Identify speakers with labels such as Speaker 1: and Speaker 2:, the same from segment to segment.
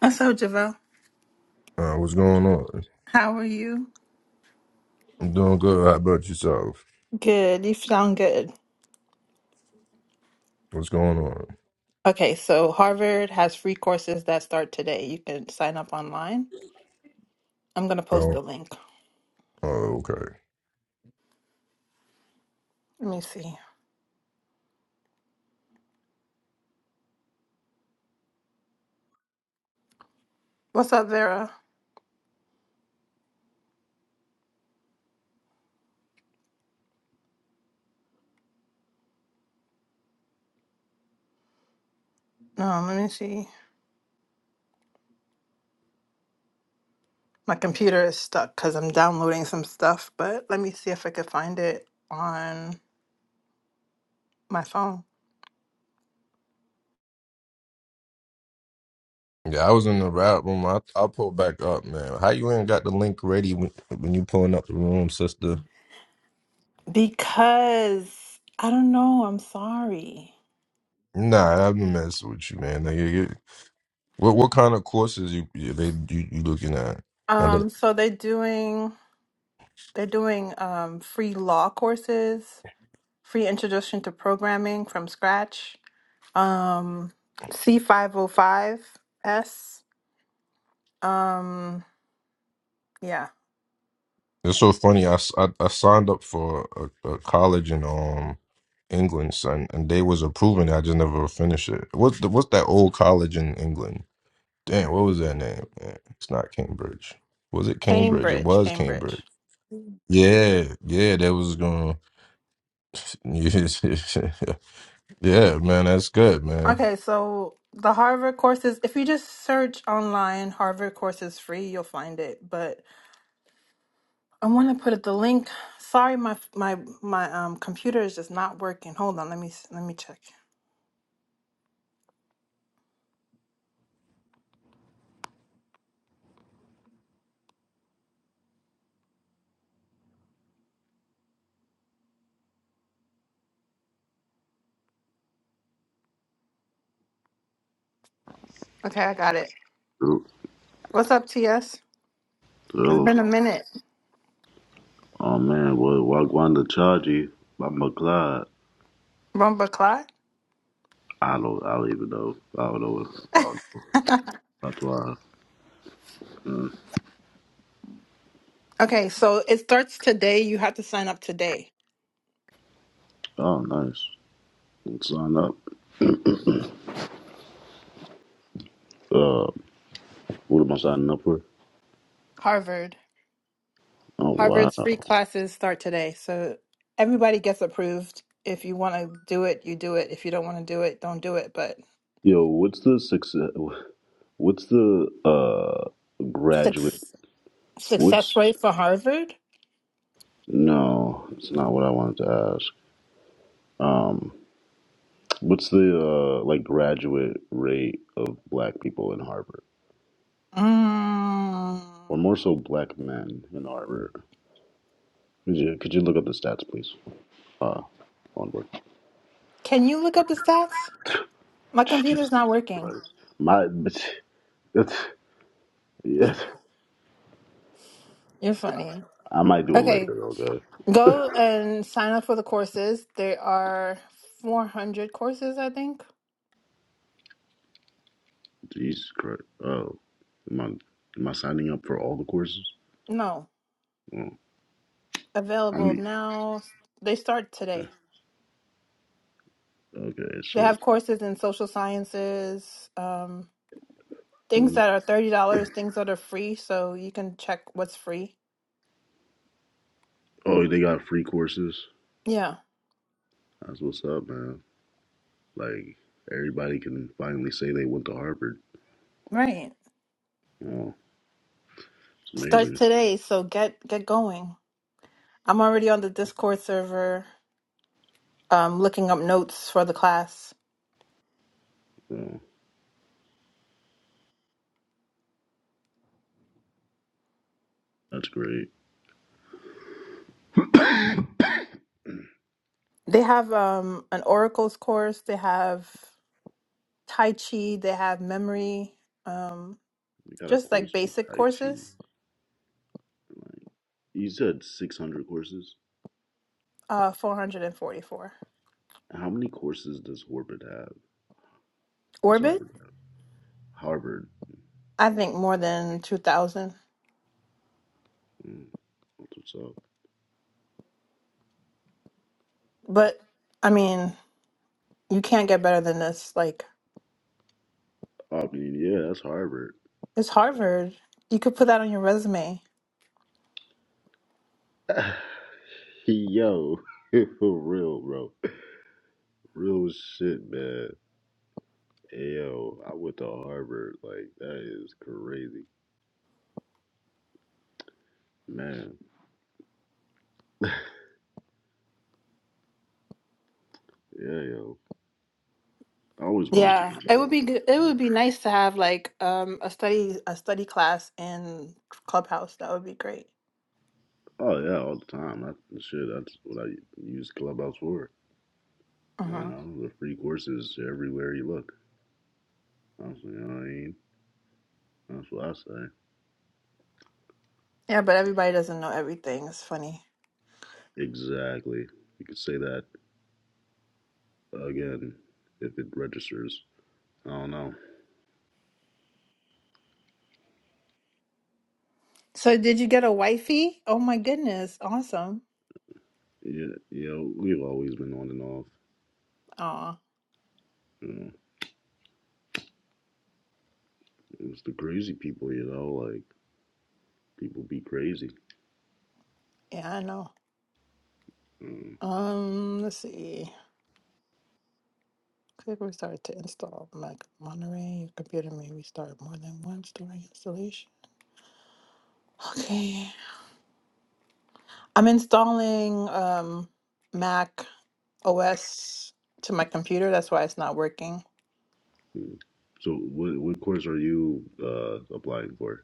Speaker 1: What's up, Javelle?
Speaker 2: Uh, what's going on?
Speaker 1: How are you?
Speaker 2: I'm doing good. How about yourself?
Speaker 1: Good. You sound good.
Speaker 2: What's going on?
Speaker 1: Okay, so Harvard has free courses that start today. You can sign up online. I'm gonna post
Speaker 2: Oh,
Speaker 1: the link.
Speaker 2: oh okay.
Speaker 1: Let me see. What's up, Vera? No, let me see. My computer is stuck because I'm downloading some stuff, but let me see if I could find it on my phone.
Speaker 2: Yeah, I was in the rap room. I, I'll pull back up, man. How you ain't got the link ready when, when you pulling up the room, sister?
Speaker 1: Because I don't know, I'm sorry.
Speaker 2: Nah, I've been messing with you, man. Like, you- you- what what kind of courses you you, they, you, you looking at? And it-
Speaker 1: Um, so they're doing they're doing um free law courses free introduction to programming from scratch, um, c five hundred five S. um, yeah,
Speaker 2: it's so funny. I, s- I, I signed up for a, a college in um England, son, and they was approving. it. I just never finished it. What's the, what's that old college in England? Dang, what was that name? Man, it's not Cambridge. Was it Cambridge? It
Speaker 1: Cambridge,
Speaker 2: was Cambridge.
Speaker 1: Cambridge.
Speaker 2: Yeah, yeah, that was going. yeah, man, that's good, man.
Speaker 1: Okay, so the Harvard courses, if you just search online, Harvard courses free, you'll find it. But I want to put it- the link. Sorry, my my my um computer is just not working. Hold on, let me s- let me check. Okay, I got it.
Speaker 3: Oh,
Speaker 1: What's up, TS? It's
Speaker 3: oh,
Speaker 1: been a minute.
Speaker 3: oh, man, well, Wagwanda Chaji by McLeod.
Speaker 1: Rumba clock.
Speaker 3: I don't, I don't even know. I don't know. If, I don't, that's why.
Speaker 1: Okay, so it starts today. You have to sign up today.
Speaker 3: Oh, nice. Let's sign up. Uh, what am I signing up for?
Speaker 1: Harvard.
Speaker 3: Oh, wow.
Speaker 1: Harvard's free classes start today. So everybody gets approved. If you want to do it, you do it. If you don't want to do it, don't do it. But
Speaker 3: Yo, what's the success? What's the uh graduate?
Speaker 1: Suc- success
Speaker 3: What's
Speaker 1: rate for Harvard?
Speaker 3: no? It's not what I wanted to ask. Um, what's the uh like graduate rate of black people in Harvard,
Speaker 1: mm,
Speaker 3: or more so black men in Harvard? Could you, could you look up the stats, please? Uh, onward.
Speaker 1: can you look up the stats? My computer's
Speaker 3: Jesus
Speaker 1: not working.
Speaker 3: Christ. My, but, it's, yes.
Speaker 1: You're funny.
Speaker 3: I might do it
Speaker 1: Okay,
Speaker 3: later, though, guys.
Speaker 1: go and sign up for the courses. There are 400 courses, I think.
Speaker 3: Jesus Christ. Oh, am I, am I signing up for all the courses?
Speaker 1: No,
Speaker 3: Oh, I
Speaker 1: available
Speaker 3: mean,
Speaker 1: now. They start
Speaker 3: yeah.
Speaker 1: today.
Speaker 3: okay,
Speaker 1: They
Speaker 3: so,
Speaker 1: have courses in social sciences, um, things
Speaker 3: mm.
Speaker 1: that are $30, things that are free, so you can check what's free.
Speaker 3: oh, they got free courses.
Speaker 1: Yeah,
Speaker 3: That's what's up, man. Like, everybody can finally say they went to Harvard.
Speaker 1: right.
Speaker 3: Oh, it's
Speaker 1: Starts
Speaker 3: amazing.
Speaker 1: today, so get get going. I'm already on the Discord server, um, looking up notes for the class.
Speaker 3: Oh, that's great.
Speaker 1: They have um an oracles course, they have tai chi, they have memory, um,
Speaker 3: We got a
Speaker 1: just like
Speaker 3: course from
Speaker 1: basic
Speaker 3: Tai Chi.
Speaker 1: courses.
Speaker 3: Like, you said 600 courses?
Speaker 1: Uh, 444.
Speaker 3: How many courses does Harvard have? Does
Speaker 1: Orbit,
Speaker 3: Harvard have? Harvard.
Speaker 1: I think more than 2,000.
Speaker 3: Mm, that's what's up.
Speaker 1: But I mean, You can't get better than this. Like
Speaker 3: I mean, yeah, that's Harvard.
Speaker 1: it's Harvard. You could put that on your resume.
Speaker 3: Yo, for real, bro. Real shit, man. Yo, I went to Harvard. Like, that is crazy. Man, yeah, yo. I always wanted to
Speaker 1: Yeah,
Speaker 3: go
Speaker 1: it would
Speaker 3: to.
Speaker 1: be good. It would be nice to have like um a study a study class in Clubhouse. That would be great.
Speaker 3: Oh, yeah, all the time. That, shit, that's what I use Clubhouse for. You
Speaker 1: hmm
Speaker 3: know, the free courses everywhere you look. Honestly, you know what I mean? That's what I say.
Speaker 1: Yeah, but everybody doesn't know everything. It's funny.
Speaker 3: Exactly. You could say that again if it registers. I don't know.
Speaker 1: So did you get a wifey? Oh my goodness, awesome.
Speaker 3: You, you know, we've always been on and off.
Speaker 1: Oh
Speaker 3: You know, it's the crazy people. You know, like people be crazy.
Speaker 1: yeah, I know.
Speaker 3: Mm.
Speaker 1: Um, let's see. Click restart to install Mac Monterey. Your computer may restart more than once during installation. Okay. I'm installing um, Mac OS to my computer. That's why it's not working.
Speaker 3: So, what what course are you uh, applying for?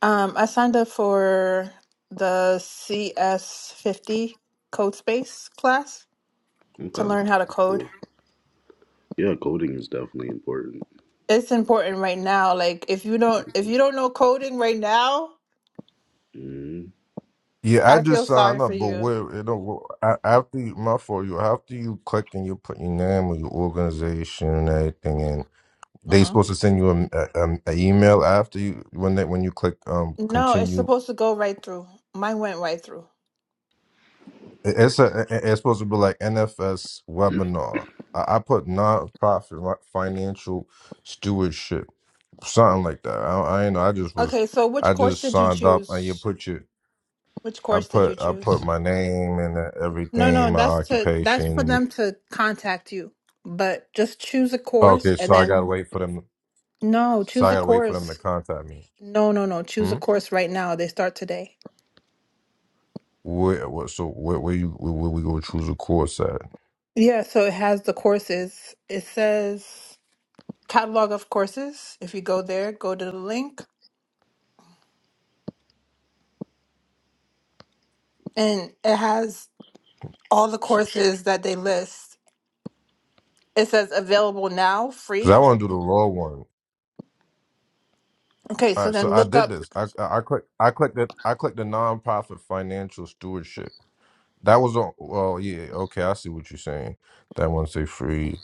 Speaker 1: Um, I signed up for the CS50 code space class to
Speaker 3: Okay,
Speaker 1: learn how to
Speaker 3: That's
Speaker 1: code.
Speaker 3: cool. Yeah, coding is definitely important.
Speaker 1: It's important right now. Like if you don't if you don't know coding right now,
Speaker 3: Mhm.
Speaker 2: Yeah, I
Speaker 1: I
Speaker 2: just
Speaker 1: feel
Speaker 2: signed
Speaker 1: sorry for
Speaker 2: up, but
Speaker 1: you.
Speaker 2: where you know a- after you, my for you after you click and you put your name or your organization and everything in, they
Speaker 1: hmm
Speaker 2: supposed to send you a, a, a a email after you when they when you click um
Speaker 1: No, it's
Speaker 2: continue
Speaker 1: supposed to go right through. Mine went right through.
Speaker 2: It- It's a. it- It's supposed to be like NFS webinar. I, I put nonprofit li- financial stewardship, something like that. I, I ain't know. I just was.
Speaker 1: Okay, so which
Speaker 2: I
Speaker 1: course
Speaker 2: just
Speaker 1: did you
Speaker 2: signed up, and you
Speaker 1: choose?
Speaker 2: put your.
Speaker 1: Which
Speaker 2: I
Speaker 1: course did you
Speaker 2: put I put
Speaker 1: choose?
Speaker 2: my name and e,
Speaker 1: No,
Speaker 2: everything,
Speaker 1: no,
Speaker 2: my
Speaker 1: that's to that's for
Speaker 2: occupation.
Speaker 1: them to contact you. But just choose a course
Speaker 2: Okay,
Speaker 1: and
Speaker 2: so I gotta
Speaker 1: then
Speaker 2: wait for them.
Speaker 1: no,
Speaker 2: So
Speaker 1: choose
Speaker 2: I
Speaker 1: a
Speaker 2: gotta wait for them to
Speaker 1: course.
Speaker 2: contact me.
Speaker 1: No, no, no, choose a
Speaker 2: Hmm.
Speaker 1: course right now. They start today.
Speaker 2: Where? What? So where? Where you? Where, where we gonna choose a course at?
Speaker 1: Yeah, so it has the courses. It says catalog of courses. If you go there, go to the link and it has all the courses that they list. It says available now,
Speaker 2: Because I
Speaker 1: free.
Speaker 2: want to do the law one.
Speaker 1: Okay,
Speaker 2: All
Speaker 1: so
Speaker 2: right, so
Speaker 1: then
Speaker 2: I
Speaker 1: look
Speaker 2: did
Speaker 1: up
Speaker 2: this. I I I clicked I clicked it. I clicked the nonprofit financial stewardship. That was on. Well, yeah, okay, I see what you're saying. That one say free.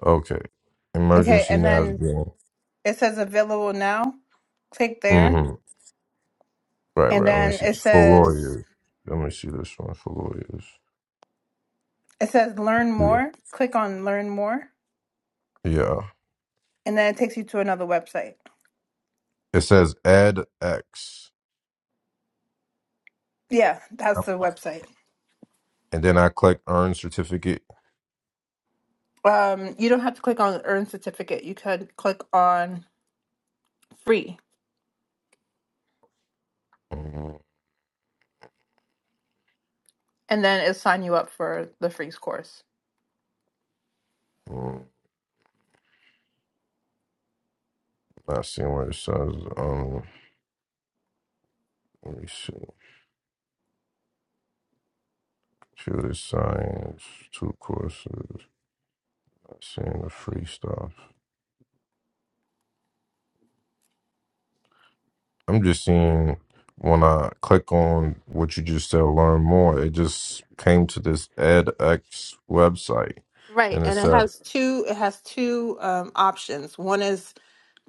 Speaker 2: Okay,
Speaker 1: Okay,
Speaker 2: emergency
Speaker 1: and then
Speaker 2: navigating.
Speaker 1: it says available now. Click there
Speaker 2: Mm-hmm. Right,
Speaker 1: and
Speaker 2: right. Let me
Speaker 1: then
Speaker 2: see
Speaker 1: it
Speaker 2: for
Speaker 1: says
Speaker 2: lawyers. Let me see this one for lawyers.
Speaker 1: It says learn
Speaker 2: Yeah,
Speaker 1: more. Click on learn more,
Speaker 2: yeah.
Speaker 1: and then it takes you to another website.
Speaker 2: It says add X,
Speaker 1: Yeah, that's
Speaker 2: Yep.
Speaker 1: the website.
Speaker 2: and then I click earn certificate.
Speaker 1: Um, you don't have to click on earn certificate. You could click on free,
Speaker 2: Mm-hmm.
Speaker 1: and then it'll sign you up for the free course.
Speaker 2: Not seeing where it says. Um, let me see. Computer science, two courses. Seeing the free stuff. I'm just seeing when I click on what you just said, learn more, it just came to this edX website
Speaker 1: Right,
Speaker 2: and it
Speaker 1: and it
Speaker 2: said
Speaker 1: has two. It has two um, options. One is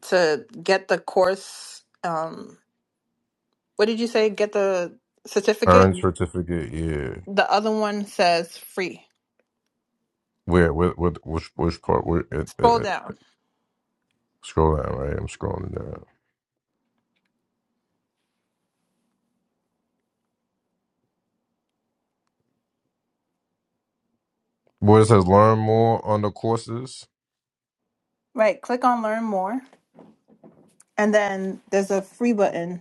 Speaker 1: to get the course. Um, what did you say? Get the certificate.
Speaker 2: earn certificate. Yeah.
Speaker 1: The other one says free.
Speaker 2: Where, what, what, which, which part? Where, it,
Speaker 1: Scroll
Speaker 2: it,
Speaker 1: down.
Speaker 2: scroll down, right? I'm scrolling down. Where it says learn more on the courses.
Speaker 1: Right, click on learn more, and then there's a free button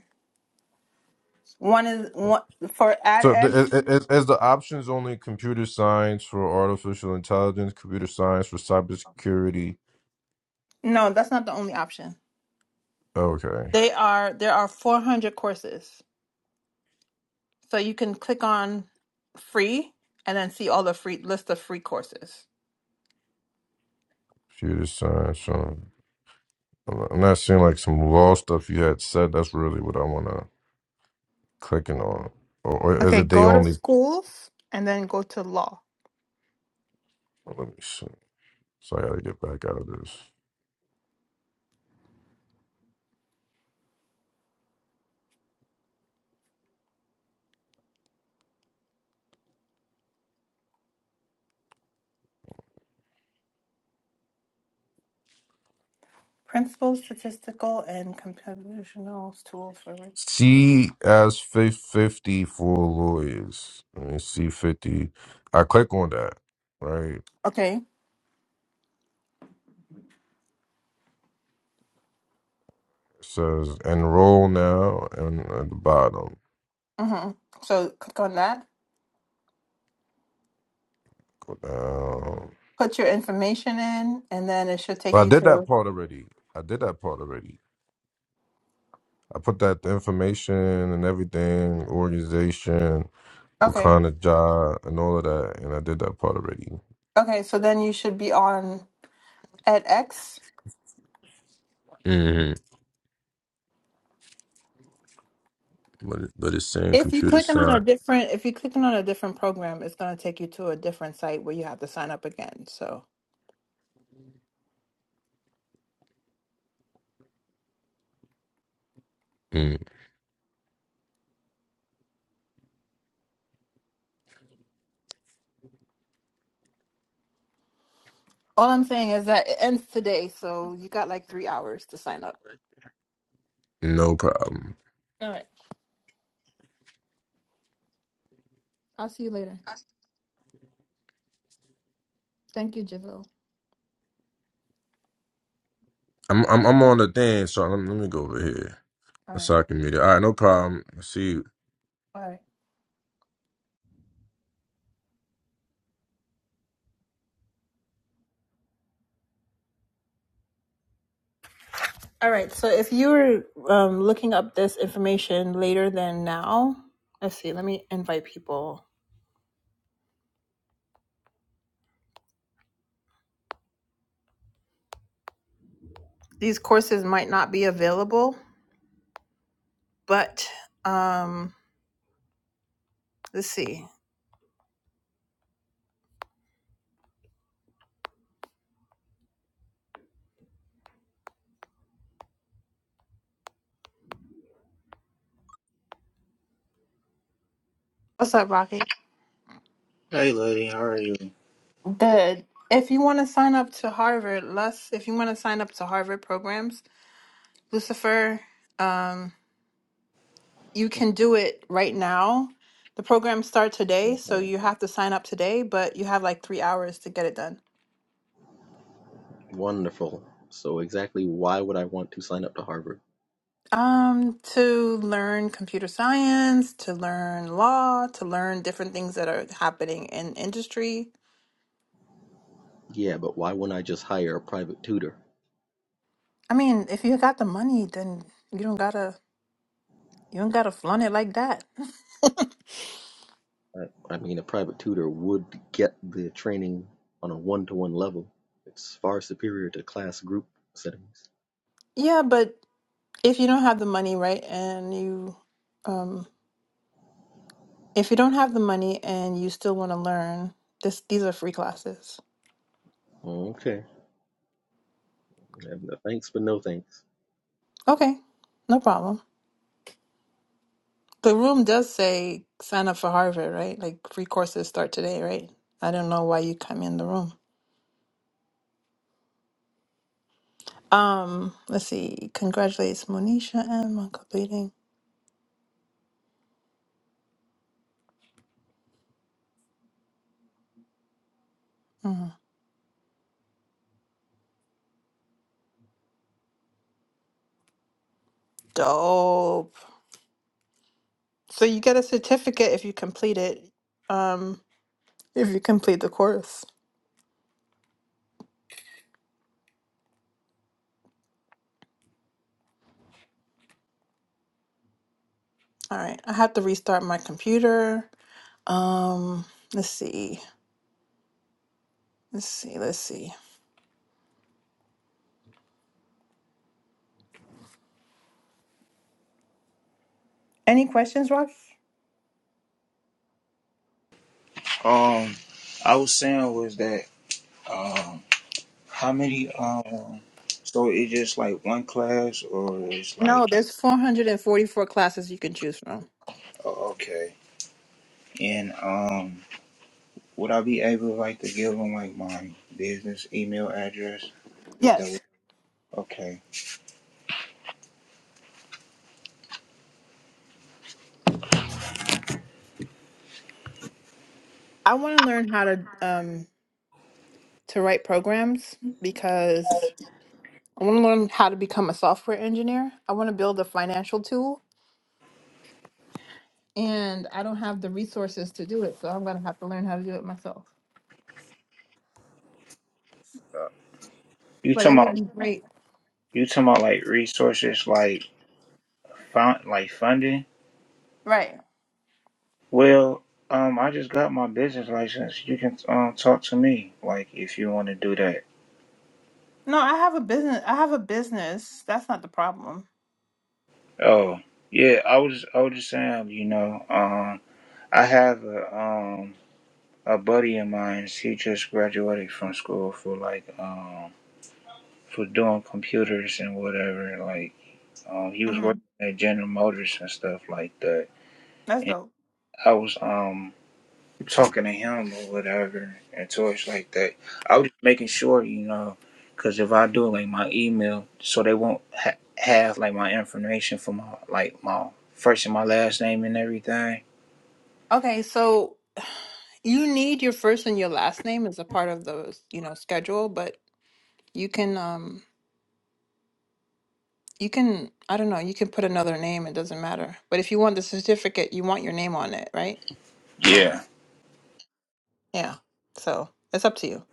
Speaker 1: One is one for
Speaker 2: So the,
Speaker 1: edX.
Speaker 2: it, it, it- is the options only computer science for artificial intelligence, computer science for cybersecurity?
Speaker 1: No, that's not the only option.
Speaker 2: Okay.
Speaker 1: They are there are 400 courses, so you can click on free and then see all the free list of free courses.
Speaker 2: Computer science. um, I'm not seeing like some law stuff you had said. That's really what I want to click in on. Or, or is
Speaker 1: Okay,
Speaker 2: it they
Speaker 1: go to
Speaker 2: only?
Speaker 1: schools and then go to law.
Speaker 2: oh, Let me see. So I got to get back out of this.
Speaker 1: Principles, statistical, and computational tools for.
Speaker 2: C as 50 for lawyers. Let me see 50. I click on that, right?
Speaker 1: Okay.
Speaker 2: It says enroll now and at the bottom.
Speaker 1: Mm-hmm. So click on that.
Speaker 2: Um,
Speaker 1: Put your information in, and then it should
Speaker 2: but
Speaker 1: take
Speaker 2: uh, I
Speaker 1: you
Speaker 2: did that
Speaker 1: to.
Speaker 2: part already. I did that part already. I put that the information and everything, organization,
Speaker 1: Okay.
Speaker 2: Wakanda Ja and all of that, and I did that part already.
Speaker 1: Okay. So then you should be on edX.
Speaker 2: hmm But it, but it's saying
Speaker 1: If you're
Speaker 2: computer
Speaker 1: clicking on a
Speaker 2: science.
Speaker 1: different, if you're clicking on a different program, it's going to take you to a different site where you have to sign up again. So
Speaker 2: Mm,
Speaker 1: all I'm saying is that it ends today, so you got like three hours to sign up.
Speaker 2: no problem.
Speaker 1: All right, I'll see you later. Thank you, Javille.
Speaker 2: I'm I'm I'm on the thing, so let me, let me go over here
Speaker 1: All right,
Speaker 2: so I can meet it. All right, no problem. See you.
Speaker 1: all right, all right. So if you were um, looking up this information later than now, let's see. Let me invite people. These courses might not be available, but um, let's see. What's up, Rocky?
Speaker 4: Hey, lady, how are you?
Speaker 1: The if you want to sign up to Harvard, less if you want to sign up to Harvard programs, Lucifer, um, you can do it right now. The programs start today, so
Speaker 5: Mhm.
Speaker 1: you have to sign up today, but you have like three hours to get it done.
Speaker 5: Wonderful. So exactly why would I want to sign up to Harvard?
Speaker 1: Um, to learn computer science, to learn law, to learn different things that are happening in industry.
Speaker 5: Yeah, but why wouldn't I just hire a private tutor?
Speaker 1: I mean, if you got the money, then you don't gotta you don't gotta flaunt it like that.
Speaker 5: I, I mean, a private tutor would get the training on a one-to-one level. It's far superior to class group settings.
Speaker 1: Yeah, but if you don't have the money, right, and you, um, if you don't have the money and you still want to learn, this these are free classes.
Speaker 5: Okay. And uh, Thanks, but no thanks.
Speaker 1: Okay, no problem. The room does say sign up for Harvard, right? Like free courses start today, right? I don't know why you come in the room. Um, let's see. Congratulates Monisha M on completing. Mm, dope. So you get a certificate if you complete it. Um, if you complete the course. All right, I have to restart my computer. Um, let's see. Let's see. Let's see. Any questions, Rocky?
Speaker 4: Um, I was saying was that um, how many um, so it's just like one class or it's
Speaker 1: No,
Speaker 4: like
Speaker 1: there's 444 classes you can choose from.
Speaker 4: oh, okay, and um, would I be able like to give them like my business email address? If that would,
Speaker 1: Yes.
Speaker 4: okay,
Speaker 1: I want to learn how to um to write programs because I want to learn how to become a software engineer. I want to build a financial tool and I don't have the resources to do it, so I'm going to have to learn how to do it myself.
Speaker 4: you
Speaker 1: But
Speaker 4: talking
Speaker 1: it would
Speaker 4: about
Speaker 1: be great.
Speaker 4: you talking about like resources like fund like funding?
Speaker 1: Right.
Speaker 4: Well, um, I just got my business license. You can um talk to me like if you want to do that.
Speaker 1: No, I have a business. I have a business. That's not the problem.
Speaker 4: Oh, yeah, I was I was just saying, you know, um I have a um a buddy of mine, he just graduated from school for like um for doing computers and whatever, like um he was
Speaker 1: hmm
Speaker 4: working at General Motors and stuff like that.
Speaker 1: That's
Speaker 4: And
Speaker 1: dope.
Speaker 4: I was um talking to him or whatever and toys like that. I was just making sure, you know, because if I do like my email, so they won't ha- have like my information for my like my first and my last name and everything
Speaker 1: Okay, so You need your first and your last name as a part of the, you know, schedule, but you can um you can I don't know, you can put another name, it doesn't matter. But if you want the certificate, you want your name on it, right?
Speaker 4: yeah
Speaker 1: Yeah. So, it's up to you.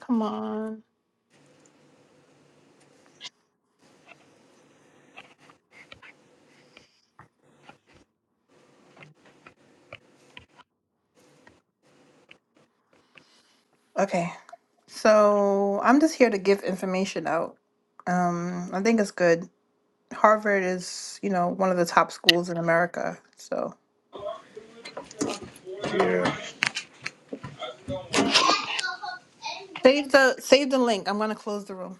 Speaker 1: Come on. Okay. So, I'm just here to give information out. Um I think it's good. Harvard is, you know, one of the top schools in America. So,
Speaker 4: yeah
Speaker 1: save the save the link. I'm going to close the room.